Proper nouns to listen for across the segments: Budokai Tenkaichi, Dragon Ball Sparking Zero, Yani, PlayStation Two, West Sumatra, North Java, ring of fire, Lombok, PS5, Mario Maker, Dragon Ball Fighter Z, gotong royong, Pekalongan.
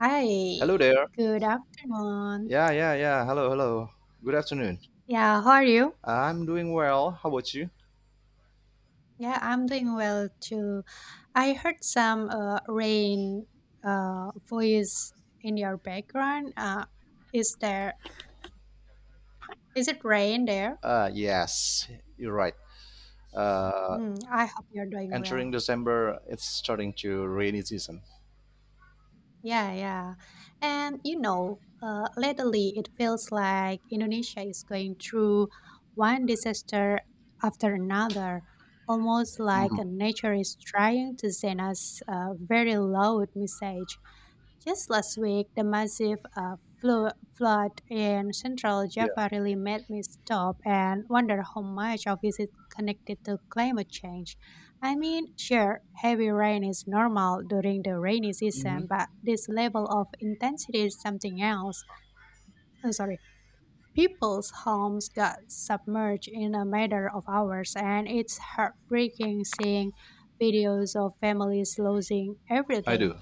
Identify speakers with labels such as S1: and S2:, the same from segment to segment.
S1: Hi,
S2: Hello there.
S1: good afternoon.
S2: Yeah, yeah, yeah. Hello, hello. Good afternoon.
S1: Yeah, how are you?
S2: I'm doing well. How about you?
S1: Yeah, I'm doing well too. I heard some rain voice in your background. Is there? Is it rain there?
S2: Yes, you're right. Uh,
S1: Hmm, I hope you're doing
S2: Entering
S1: well.
S2: December, it's starting to rainy season.
S1: Yeah, yeah. And lately it feels like Indonesia is going through one disaster after another, almost like
S2: Hmm.
S1: nature is trying to send us a very loud message. Just last week, the massive flood in central
S2: Yeah.
S1: Java really made me stop and wonder how much of this is connected to climate change. I mean, sure, heavy rain is normal during the rainy season,
S2: Hmm.
S1: but this level of intensity is something else. I'm sorry. People's homes got submerged in a matter of hours, and it's heartbreaking seeing videos of families losing
S2: I
S1: everything.
S2: do.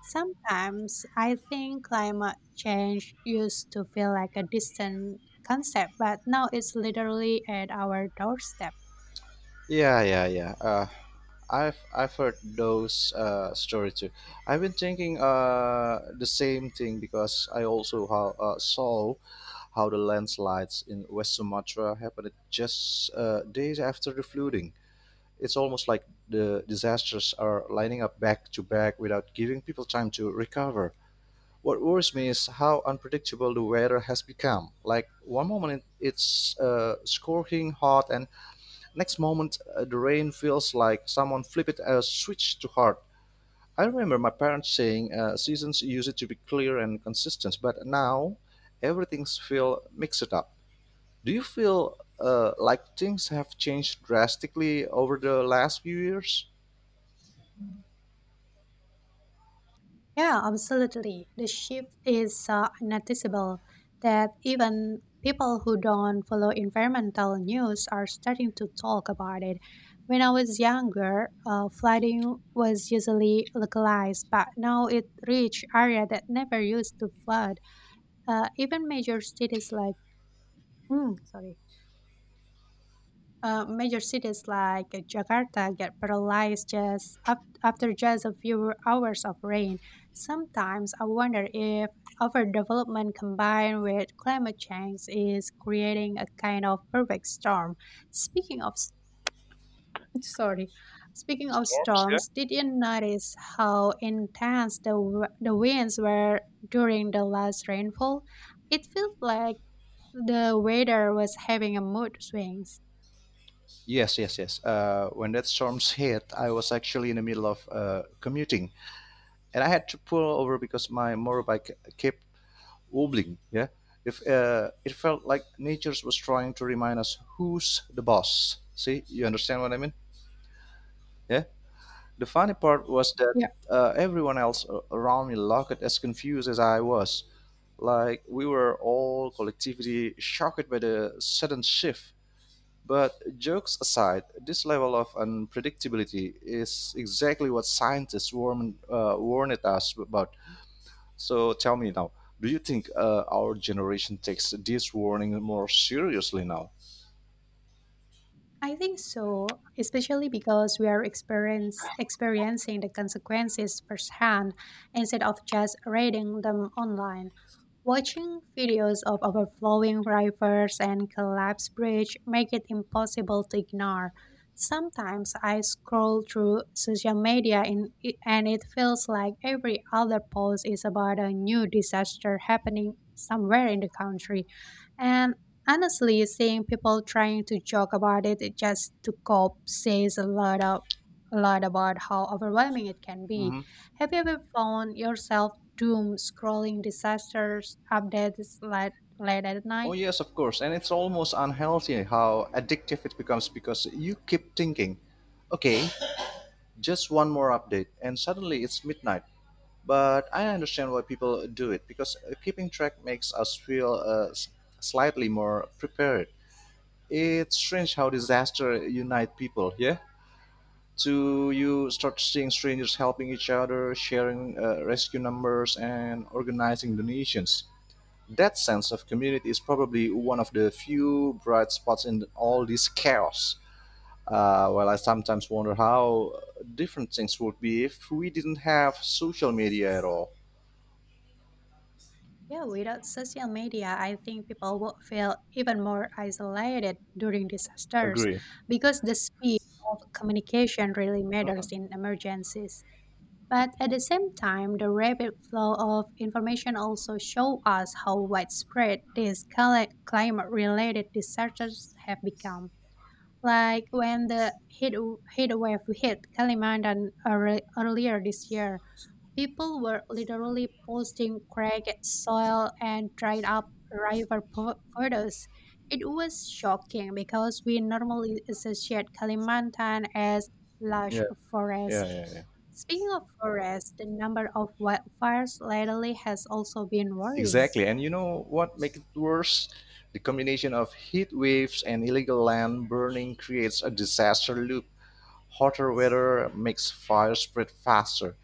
S1: Sometimes I think climate change used to feel like a distant concept, but now it's literally at our doorstep.
S2: Yeah, yeah, yeah. I've heard those stories too. I've been thinking the same thing because I also how, saw how the landslides in West Sumatra happened just days after the flooding. It's almost like the disasters are lining up back to back without giving people time to recover. What worries me is how unpredictable the weather has become. Like one moment it's scorching hot, and next moment the rain feels like someone flipped a switch too hard. I remember my parents saying seasons used to be clear and consistent, but now everything's feel mixed up. Do you feel like things have changed drastically over the last few years?
S1: Yeah, absolutely. The shift is noticeable that even people who don't follow environmental news are starting to talk about it. When I was younger, flooding was usually localized, but now it reached area that never used to flood. Even major cities like, mm, sorry, major cities like Jakarta get paralyzed after just a few hours of rain. Sometimes I wonder if overdevelopment combined with climate change is creating a kind of perfect storm. Speaking of s- sorry, Speaking of
S2: Storms there?
S1: storms, did you notice how intense the winds were during the last rainfall? It felt like the weather was having a mood swings.
S2: Yes, yes, yes. When that storms hit, I was actually in the middle of commuting, and I had to pull over because my motorbike kept wobbling. Yeah, if it felt like nature was trying to remind us who's the boss. See, you understand what I mean? Yeah. The funny part was that everyone else around me looked as confused as I was. Like we were all collectively shocked by the sudden shift. But jokes aside, this level of unpredictability is exactly what warned us about. So tell me now, do you think our generation takes this warning more seriously now?
S1: I think so, especially because we are experiencing the consequences firsthand instead of just reading them online. Watching videos of overflowing rivers and collapsed bridge make it impossible to ignore. Sometimes I scroll through social media in, and it feels like every other post is about a new disaster happening somewhere in the country. And Honestly, seeing people trying to joke about it just to cope says a lot of a lot about how overwhelming it can be.
S2: Hmm.
S1: Have you ever found yourself doom scrolling disasters updates late at
S2: Oh,
S1: night?
S2: yes, of course. And it's almost unhealthy how addictive it becomes because you keep thinking, okay, just one more update, and suddenly it's midnight. But I understand why people do it because keeping track makes us feel slightly more prepared. It's strange how disaster unite people. Yeah. So you start seeing strangers helping each other, sharing rescue numbers, and organizing donations. That sense of community is probably one of the few bright spots in all this chaos. Well, I sometimes wonder how different things would be if we didn't have social media at all.
S1: Yeah, without social media, I think people would feel even more isolated during disasters
S2: Agree.
S1: because the speed of communication really matters in
S2: Mhm.
S1: emergencies. But at the same time, the rapid flow of information also show us how widespread these climate-related disasters have become. Like when heat wave hit Kalimantan earlier this year, people were literally posting cracked soil and dried up river photos. It was shocking because we normally associate Kalimantan as lush
S2: Yeah, yeah,
S1: forest.
S2: yeah, yeah.
S1: Speaking of forests, the number of wildfires lately has also been worrying.
S2: Exactly. And you know what makes it worse? The combination of heat waves and illegal land burning creates a disaster loop. Hotter weather makes fire spread faster.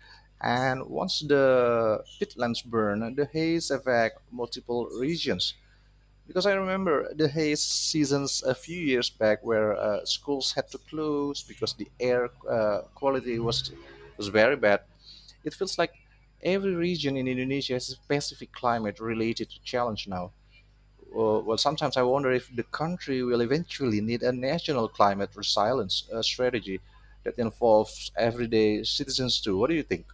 S2: And once the peatlands burn, the haze affects multiple regions. Because I remember the haze seasons a few years back where schools had to close because the air quality was very bad. It feels like every region in Indonesia has a specific climate related challenge now. Well, sometimes I wonder if the country will eventually need a national climate resilience strategy that involves everyday citizens too. What do you think?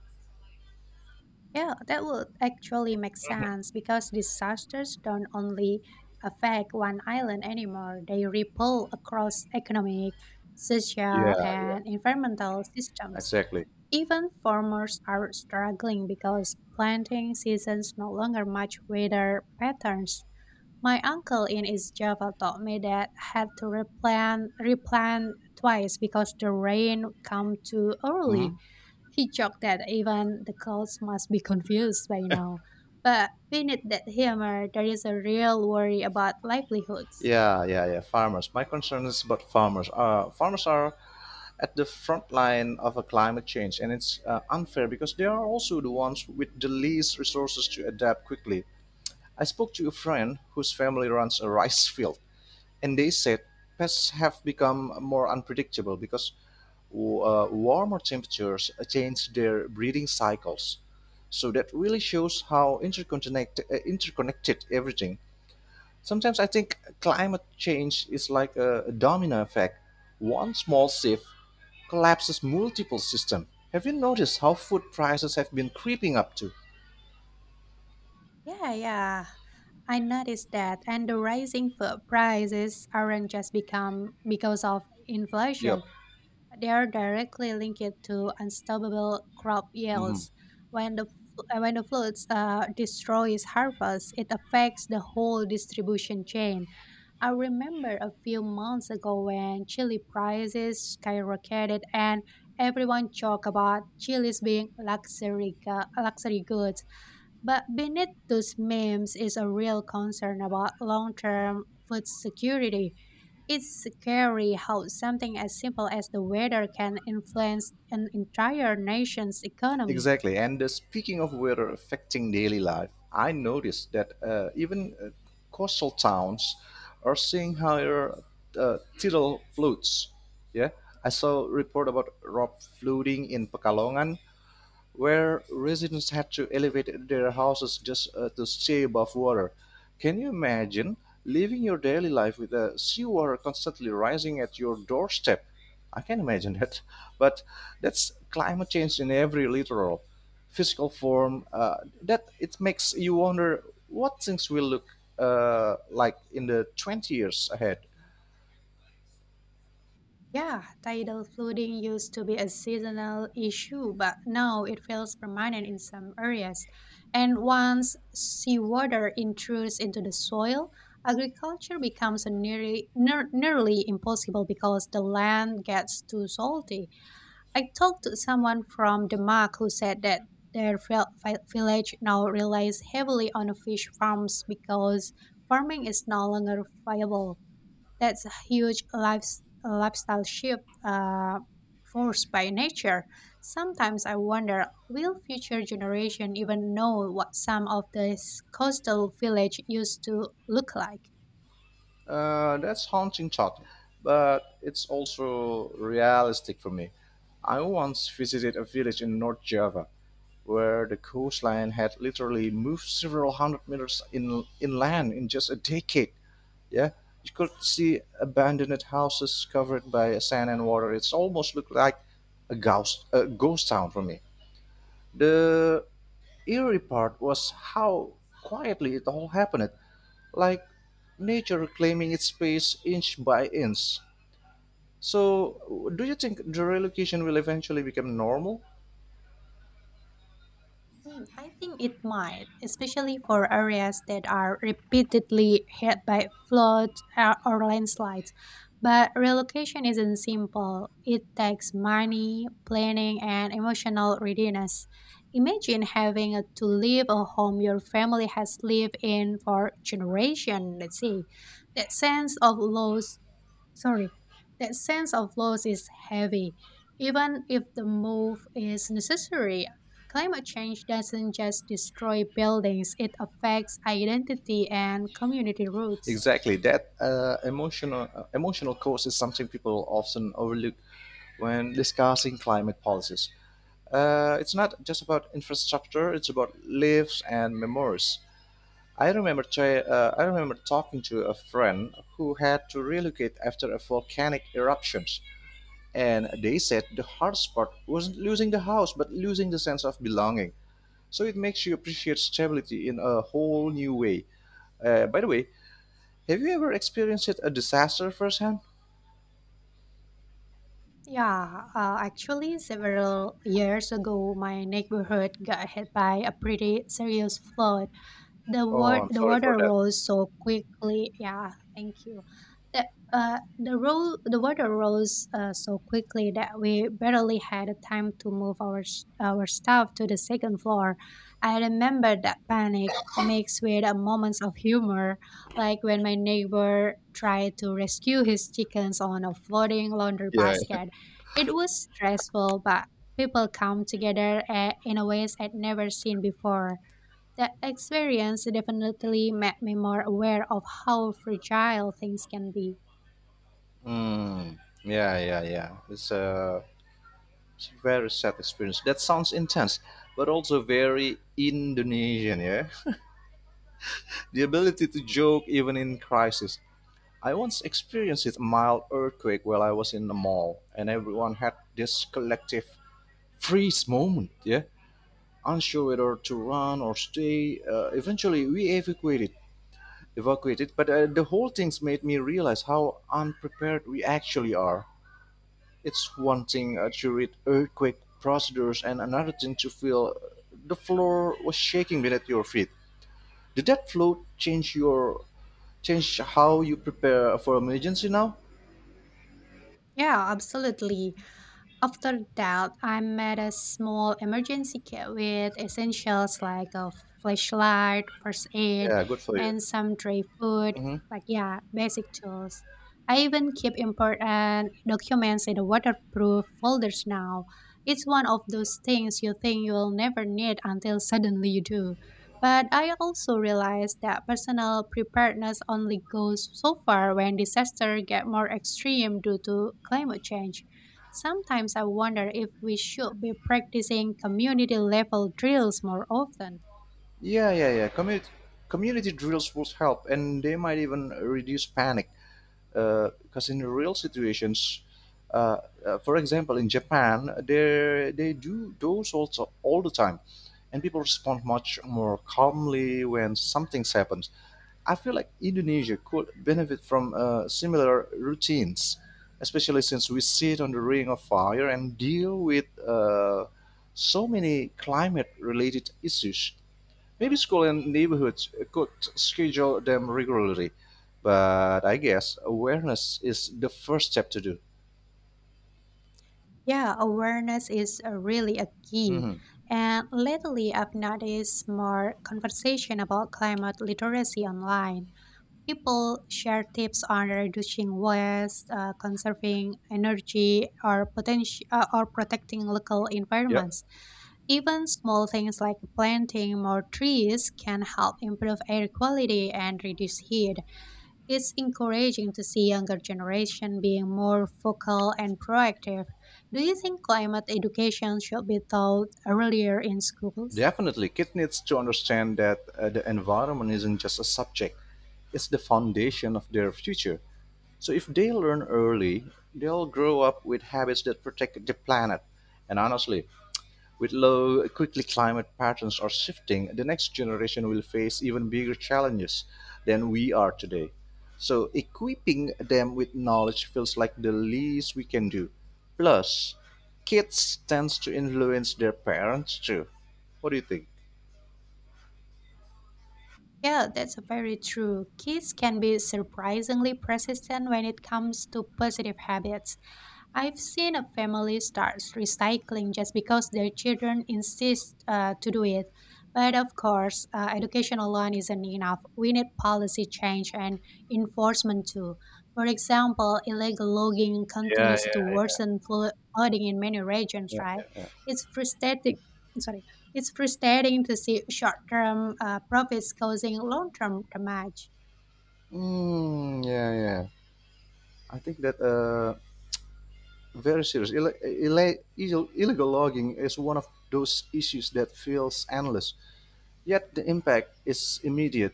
S1: Yeah, that would actually make sense
S2: Mhm.
S1: because disasters don't only affect one island anymore, they ripple across economic, social,
S2: Yeah,
S1: and environmental systems.
S2: exactly.
S1: Even farmers are struggling because planting seasons no longer match weather patterns. My uncle in East Java told me that had to replant twice because the rain come too early.
S2: Hmm.
S1: He joked that even the clouds must be confused by now. But beneath that humor, there is a real worry about livelihoods.
S2: Yeah, yeah, yeah. Farmers. My concern is about farmers. Farmers are at the front line of a climate change, and it's unfair because they are also the ones with the least resources to adapt quickly. I spoke to a friend whose family runs a rice field, and they said pests have become more unpredictable because warmer temperatures change their breeding cycles. So that really shows how interconnected everything. Sometimes I think climate change is like a domino effect. One small shift collapses multiple systems. Have you noticed how food prices have been creeping up too?
S1: Yeah, yeah. I noticed that, and the rising food prices aren't just become because of
S2: Yep.
S1: inflation. They are directly linked to unstoppable crop
S2: Mhm.
S1: yields. When the floods destroys harvest, it affects the whole distribution chain. I remember a few months ago when chili prices skyrocketed and everyone talked about chilies being luxury goods. But beneath those memes is a real concern about long term food security. It's scary how something as simple as the weather can influence an entire nation's economy.
S2: Exactly. And speaking of weather affecting daily life, I noticed that even coastal towns are seeing higher tidal floods. Yeah, I saw a report about rock flooding in Pekalongan, where residents had to elevate their houses just to stay above water. Can you imagine living your daily life with the seawater constantly rising at your doorstep? I can imagine that. But that's climate change in every literal physical form. That it makes you wonder what things will look like in the 20 years ahead.
S1: Yeah, tidal flooding used to be a seasonal issue, but now it feels permanent in some areas. And once seawater intrudes into the soil, agriculture becomes a nearly impossible because the land gets too salty. I talked to someone from Denmark who said that their village now relies heavily on fish farms because farming is no longer viable. That's a huge lifestyle shift forced by nature. Sometimes I wonder, will future generation even know what some of these coastal village used to look like?
S2: That's haunting thought, but it's also realistic for me. I once visited a village in North Java where the coastline had literally moved several hundred meters in inland in just a decade. Yeah, you could see abandoned houses covered by sand and water. It's almost looked like a ghost town for me. The eerie part was how quietly it all happened like nature reclaiming its space inch by inch. So, do you think the relocation will eventually become normal?
S1: Mm, I think it might, especially for areas that are repeatedly hit by floods or landslides. But relocation isn't simple. It takes money, planning, and emotional readiness. Imagine having to leave a home your family has lived in for generations, let's say. That sense of loss sorry, that sense of loss is heavy. Even if the move is necessary, climate change doesn't just destroy buildings, it affects identity and community roots.
S2: Exactly, that emotional cost is something people often overlook when discussing climate policies. It's not just about infrastructure; it's about lives and memories. I remember talking to a friend who had to relocate after a volcanic eruption. And they said the hardest part wasn't losing the house, but losing the sense of belonging. So it makes you appreciate stability in a whole new way. By the way, have you ever experienced a disaster firsthand?
S1: Yeah, actually, several years ago, my neighborhood got hit by a pretty serious flood. The
S2: Oh,
S1: word
S2: I'm
S1: the
S2: sorry for
S1: water
S2: that.
S1: rose so quickly. Yeah, thank you. The the water rose so quickly that we barely had time to move our stuff to the second floor. I remember that panic mixed with a moments of humor, like when my neighbor tried to rescue his chickens on a floating laundry
S2: Yeah.
S1: basket. It was stressful, but people come together in a ways I'd never seen before. That experience definitely made me more aware of how fragile things can be.
S2: Mm, yeah, yeah, yeah. It's a very sad experience. That sounds intense, but also very Indonesian, yeah? The ability to joke even in crisis. I once experienced a mild earthquake while I was in the mall, and everyone had this collective freeze moment, yeah? Unsure whether to run or stay. Eventually, we evacuated, but the whole thing's made me realize how unprepared we actually are. It's one thing to read earthquake procedures, and another thing to feel the floor was shaking beneath your feet. Did that float change how you prepare for emergency now?
S1: Yeah, absolutely. After that, I made a small emergency kit with essentials like a flashlight, first aid,
S2: Yeah, good for you.
S1: and some dry food,
S2: Mhm.
S1: like, yeah, basic tools. I even keep important documents in a waterproof folders now. It's one of those things you think you'll never need until suddenly you do. But I also realized that personal preparedness only goes so far when disaster get more extreme due to climate change. Sometimes I wonder if we should be practicing community level drills more often.
S2: Yeah, yeah, yeah. Community drills would help, and they might even reduce panic. Because in real situations, uh, for example, in Japan, they do those also all the time, and people respond much more calmly when something happens. I feel like Indonesia could benefit from similar routines, especially since we sit on the ring of fire and deal with so many climate-related issues. Maybe school and neighborhoods could schedule them regularly, but I guess awareness is the first step to do.
S1: Yeah, awareness is really a key.
S2: Mhm.
S1: And lately, I've noticed more conversation about climate literacy online. People share tips on reducing waste, conserving energy, or protecting local
S2: Yep.
S1: environments. Even small things like planting more trees can help improve air quality and reduce heat. It's encouraging to see younger generation being more vocal and proactive. Do you think climate education should be taught earlier in schools?
S2: Definitely, kids needs to understand that the environment isn't just a subject; it's the foundation of their future. So if they learn early, they'll grow up with habits that protect the planet. And honestly, with low, quickly climate patterns are shifting, the next generation will face even bigger challenges than we are today. So, equipping them with knowledge feels like the least we can do. Plus, kids tends to influence their parents too. What do you think?
S1: Yeah, that's very true. Kids can be surprisingly persistent when it comes to positive habits. I've seen a family starts recycling just because their children insist to do it. But of course, education alone isn't enough. We need policy change and enforcement too. For example, illegal logging
S2: Yeah,
S1: continues to
S2: yeah.
S1: worsen flooding in many regions,
S2: Yeah,
S1: right?
S2: yeah, yeah.
S1: It's frustrating. Sorry. It's frustrating to see short-term profits causing long-term damage.
S2: Mm, yeah, yeah. I think that very serious. Illegal logging is one of those issues that feels endless. Yet the impact is immediate.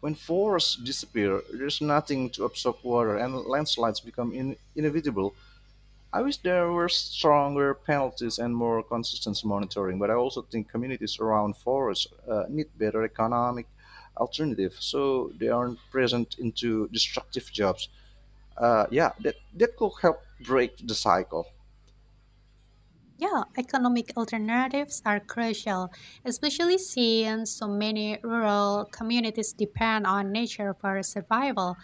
S2: When forests disappear, there's nothing to absorb water and landslides become inevitable. I wish there were stronger penalties and more consistent monitoring, but I also think communities around forests need better economic alternative so they aren't present into destructive jobs. Yeah, that could help break the cycle.
S1: Yeah, economic alternatives are crucial, especially since so many rural communities depend on nature for survival.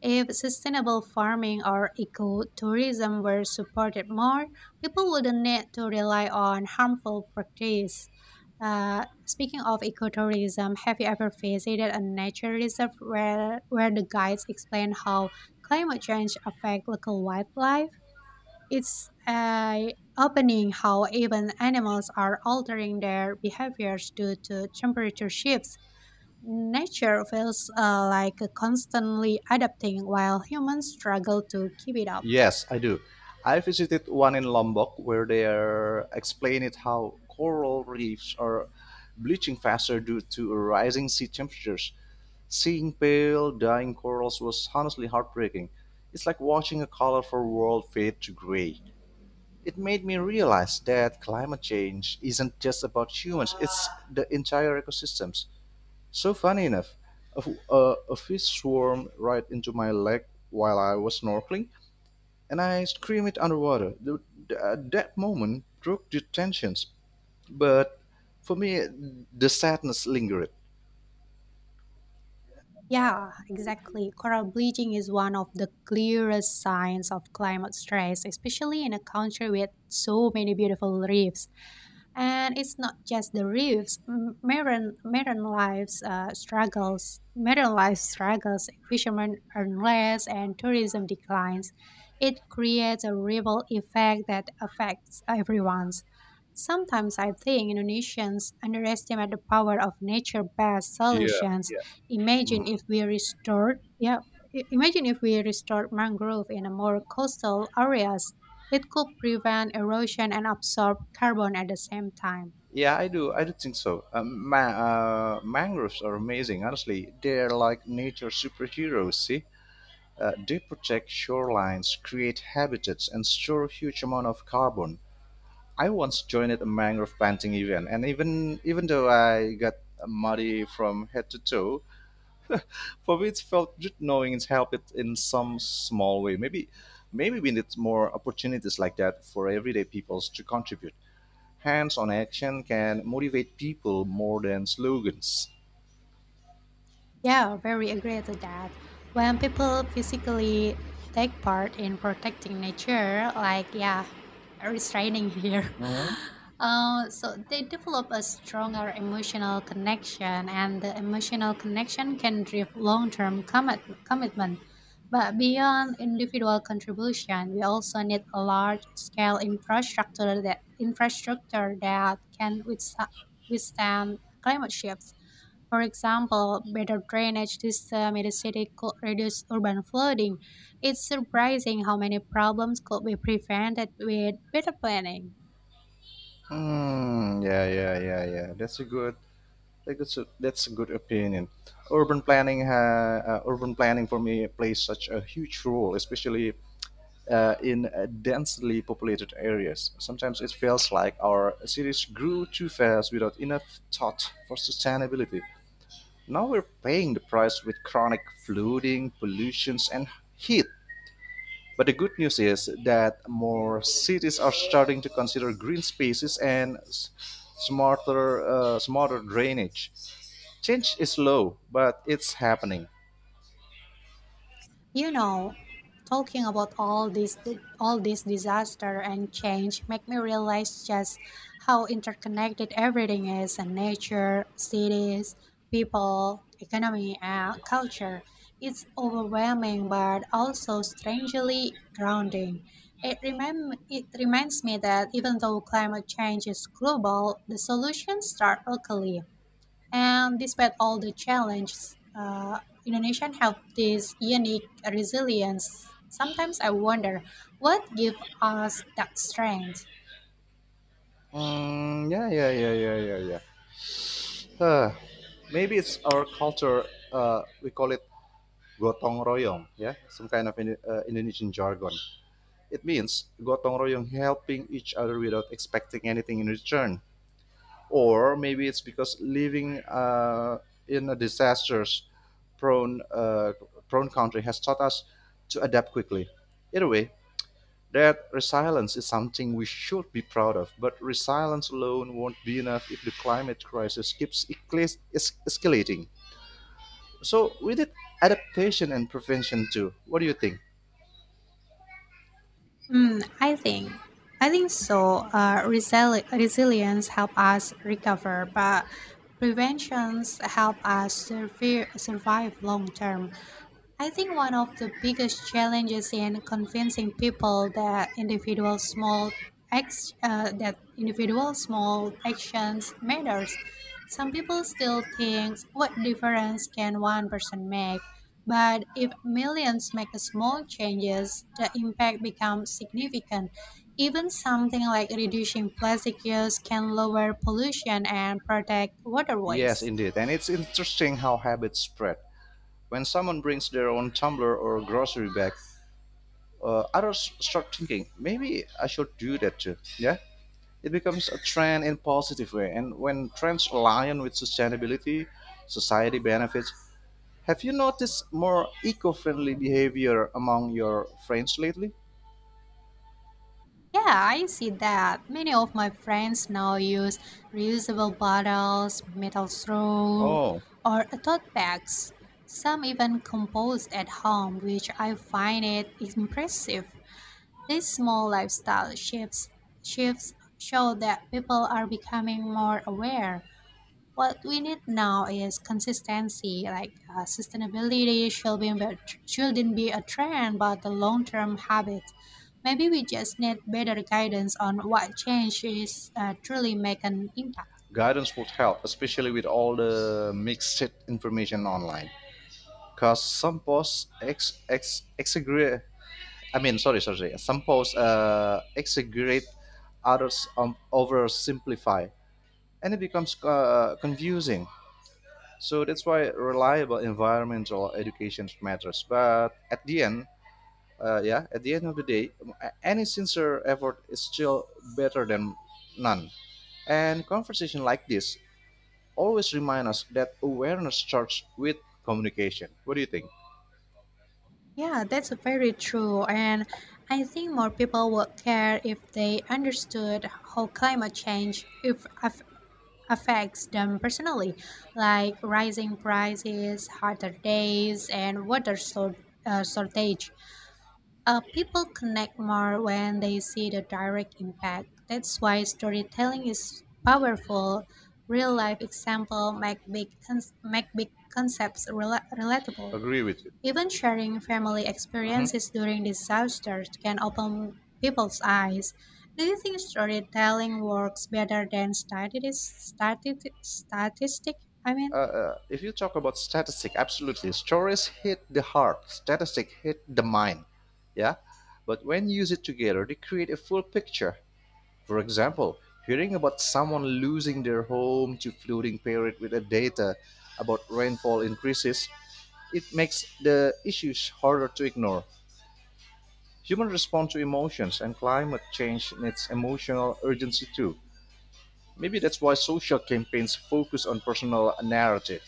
S1: If sustainable farming or ecotourism were supported more, people wouldn't need to rely on harmful practices. Speaking of ecotourism, have you ever visited a nature reserve where the guides explain how climate change affects local wildlife? It's opening how even animals are altering their behaviors due to temperature shifts. Nature feels like constantly adapting while humans struggle to keep it up.
S2: Yes, I do. I visited one in Lombok where they are explain it how coral reefs are bleaching faster due to rising sea temperatures. Seeing pale, dying corals was honestly heartbreaking. It's like watching a colorful world fade to gray. It made me realize that climate change isn't just about humans, it's the entire ecosystems. So funny enough, a, a fish swarmed right into my leg while I was snorkeling and I scream it underwater. At that moment broke the tensions, but for me, the sadness lingered.
S1: Yeah, exactly. Coral bleaching is one of the clearest signs of climate stress, especially in a country with so many beautiful reefs. And it's not just the reefs. Marine lives struggles. Marine life struggles. Fishermen earn less, and tourism declines. It creates a ripple effect that affects everyone's. Sometimes I think Indonesians underestimate the power of nature-based solutions.
S2: Yeah.
S1: Imagine
S2: Mm.
S1: if we restored, yeah, Imagine if we restored mangrove in a more coastal areas it could prevent erosion and absorb carbon at the same time.
S2: Yeah, I do. I do think so. Mangroves are amazing. Honestly, they're like nature superheroes. See, they protect shorelines, create habitats, and store a huge amount of carbon. I once joined a mangrove planting event, and even though I got muddy from head to toe, for me, it felt good knowing it's helped it in some small way. Maybe we need more opportunities like that for everyday peoples to contribute. Hands-on action can motivate people more than slogans.
S1: Yeah, very agree to that. When people physically take part in protecting nature, like yeah, restraining here,
S2: Hmm.
S1: so they develop a stronger emotional connection, and the emotional connection can drive long-term commitment. But beyond individual contribution, we also need a large-scale infrastructure that can withstand climate shifts. For example, better drainage system in the city could reduce urban flooding. It's surprising how many problems could be prevented with better planning.
S2: Hmm. Yeah, yeah, yeah, yeah. That's a good opinion. Urban planning for me plays such a huge role, especially in densely populated areas. Sometimes it feels like our cities grew too fast without enough thought for sustainability. Now we're paying the price with chronic flooding, pollutions, and heat. But the good news is that more cities are starting to consider green spaces and smarter drainage. Change is slow, but it's happening.
S1: You know, talking about all this disaster and change make me realize just how interconnected everything is and nature, cities, people, economy and culture. It's overwhelming but also strangely grounding. It reminds me that even though climate change is global, the solutions start locally and despite all the challenges, Indonesians have this unique resilience. Sometimes I wonder what gives us that strength.
S2: Mm, yeah, yeah, yeah, yeah, yeah, yeah. Uh, Maybe it's our culture. We call it gotong royong. Yeah, some kind of Indonesian jargon. It means gotong royong, helping each other without expecting anything in return. Or maybe it's because living in a disasters prone prone country has taught us to adapt quickly. Either way, that resilience is something we should be proud of, but resilience alone won't be enough if the climate crisis keeps escalating. So we did adaptation and prevention too. What do you think?
S1: Hmm, I think, I think so. Resilience help us recover, but preventions help us survive long term. I think one of the biggest challenges in convincing people that individual small actions matters. Some people still think what difference can one person make, but if millions make a small changes, the impact becomes significant. Even something like reducing plastic use can lower pollution and protect
S2: Yes,
S1: waterways.
S2: indeed. And it's interesting how habits spread. When someone brings their own tumbler or grocery bag, others start thinking, maybe I should do that too. Yeah? It becomes a trend in positive way. And when trends align with sustainability, society benefits, have you noticed more eco-friendly behavior among your friends lately?
S1: Yeah, I see that. Many of my friends now use reusable bottles, metal straw,
S2: Oh,
S1: or tote bags. Some even compost at home, which I find it impressive. These small lifestyle shifts show that people are becoming more aware. What we need now is consistency, like sustainability should be shouldn't be a trend, but a long-term habit. Maybe we just need better guidance on what change is truly make an impact.
S2: guidance would help, especially with all the mixed information online. Because some posts exaggerate, I mean, sorry. Some posts exaggerate, others oversimplify, and it becomes confusing. So that's why reliable environmental education matters. But at the end, yeah, at the end of the day, any sincere effort is still better than none. And conversation like this always remind us that awareness starts with communication. What do you think?
S1: Yeah, that's very true, and I think more people would care if they understood how climate change if aff- affects them personally, like rising prices, hotter days, and shortage. People connect more when they see the direct impact. That's why storytelling is powerful. Real life example make big concepts relatable.
S2: Agree with
S1: Even sharing family
S2: you.
S1: experiences during disasters can open people's eyes. Do you think storytelling works better than statistic? I mean.
S2: If you talk about statistic, absolutely, stories hit the heart, statistic hit the mind. Yeah, but when used together, they create a full picture. For example, hearing about someone losing their home to flooding period with a data about rainfall increases, it makes the issues harder to ignore. Human respond to emotions, and climate change needs emotional urgency too. Maybe that's why social campaigns focus on personal narrative.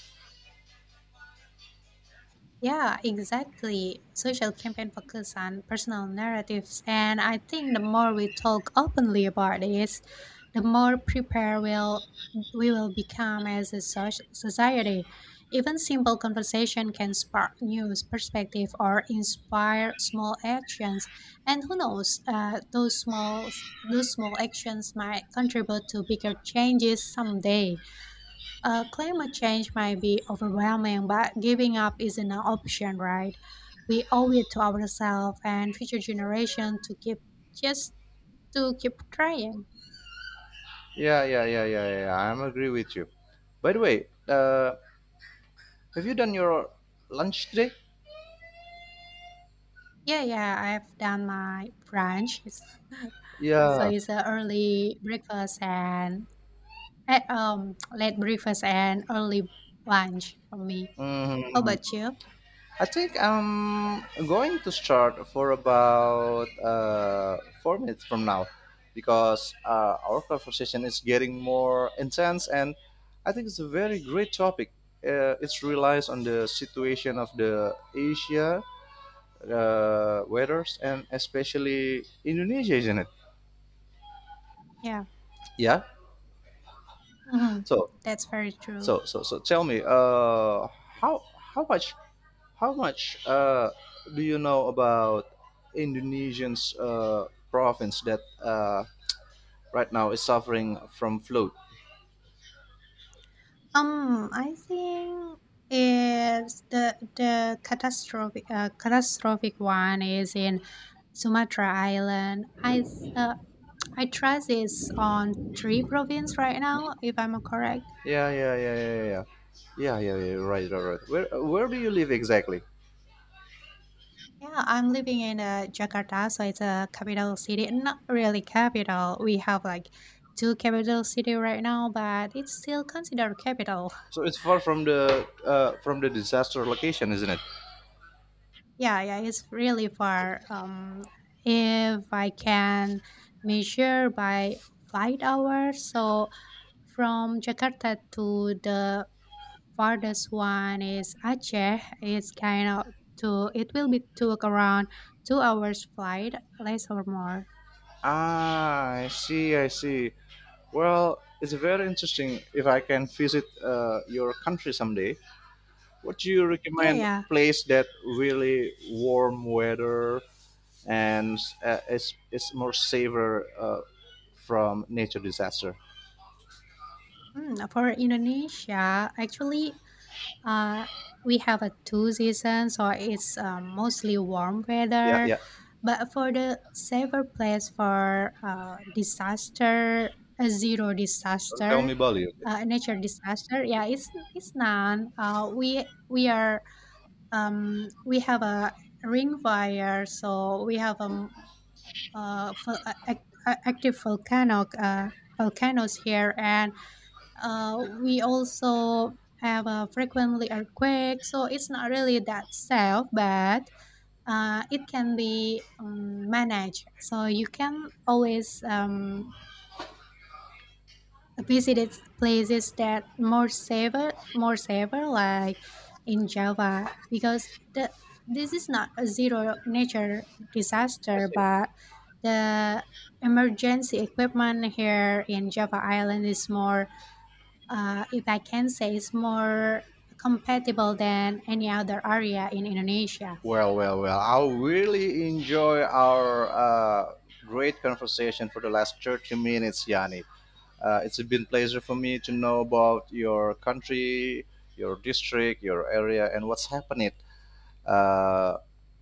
S1: Yeah, exactly. Social campaign focus on personal narratives, and I think the more we talk openly about this, the more prepared we'll, we will become as a society. Even simple conversation can spark new perspective or inspire small actions, and who knows, those small actions might contribute to bigger changes someday. Climate change might be overwhelming, but giving up isn't an option, right? We owe it to ourselves and future generation to keep just to keep trying.
S2: Yeah, yeah, yeah, yeah, yeah, yeah. I'm agree with you. By the way, have you done your lunch today?
S1: Yeah, yeah, I've done my brunch. It's- so
S2: Yeah.
S1: it's a early breakfast and late breakfast and early lunch for me. How
S2: Hmm.
S1: about you?
S2: I think I'm going to start for about 4 minutes from now because our conversation is getting more intense and I think it's a very great topic. It relies on the situation of the Asia weathers and especially Indonesia, isn't it?
S1: Yeah.
S2: Yeah.
S1: Hmm,
S2: So
S1: that's very true.
S2: So tell me, how how much how much do you know about Indonesian's province that right now is suffering from flood?
S1: I think it's the catastrophic catastrophic one is in Sumatra Island. Uh, I trust it's on three province right now, if I'm correct.
S2: Yeah, yeah, yeah, yeah, yeah, yeah, yeah, yeah, yeah, right, right, right. Where do you live exactly?
S1: Yeah, I'm living in Jakarta, so it's a capital city. Not really capital. We have like two capital city right now, but it's still considered capital.
S2: So it's far from the disaster location, isn't it?
S1: Yeah, yeah, it's really far. If I can measure by flight hours, so from Jakarta to the farthest one is Aceh. It's kind of to it will be took around 2 hours flight, less or more.
S2: Ah, I see, I see. Well, it's very interesting if I can visit your country someday. What do you
S1: Yeah,
S2: recommend
S1: yeah.
S2: place that really warm weather and is more safer from nature disaster?
S1: Mm, for Indonesia, actually, Uh, we have a two seasons, so it's mostly warm
S2: Yeah,
S1: weather.
S2: yeah.
S1: But for the safer place for disaster, a zero
S2: Don't tell
S1: disaster,
S2: me Bali. Okay?
S1: nature disaster, yeah, it's none. We are we have a ring fire, so we have active volcano volcanoes here, and we also have a frequently earthquake, so it's not really that safe, but it can be managed. So you can always places that more safer, like in Java, because the this is not a zero nature disaster,
S2: I see.
S1: but the emergency equipment here in Java Island is more if I can say, is more compatible than any other area in Indonesia.
S2: Well, well, well. I really enjoy our great conversation for the last 30 minutes, Yani. It's been pleasure for me to know about your country, your district, your area, and what's happening uh,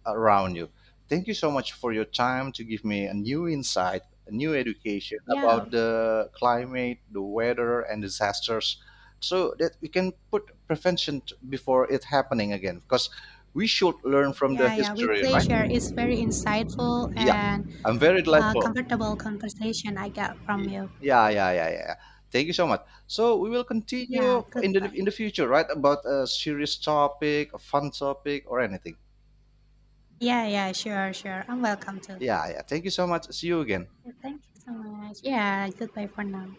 S2: around you. Thank you so much for your time to give me a new insight, a new education
S1: Yeah,
S2: about the climate, the weather, and disasters, so that we can put prevention before it happening again. Because we should learn from the
S1: yeah, yeah. With
S2: history, right?
S1: pleasure, it's very insightful
S2: Yeah,
S1: and
S2: I'm very delightful.
S1: comfortable conversation I got from
S2: Yeah,
S1: you.
S2: yeah, yeah, yeah, yeah. Thank you so much. So we will
S1: Yeah,
S2: continue in the
S1: goodbye.
S2: future, right? About a serious topic, a fun topic, or anything.
S1: Yeah, yeah, sure. I'm welcome too.
S2: Yeah, yeah. Thank you so much. See you again.
S1: Yeah, thank you so much. Yeah, goodbye for now.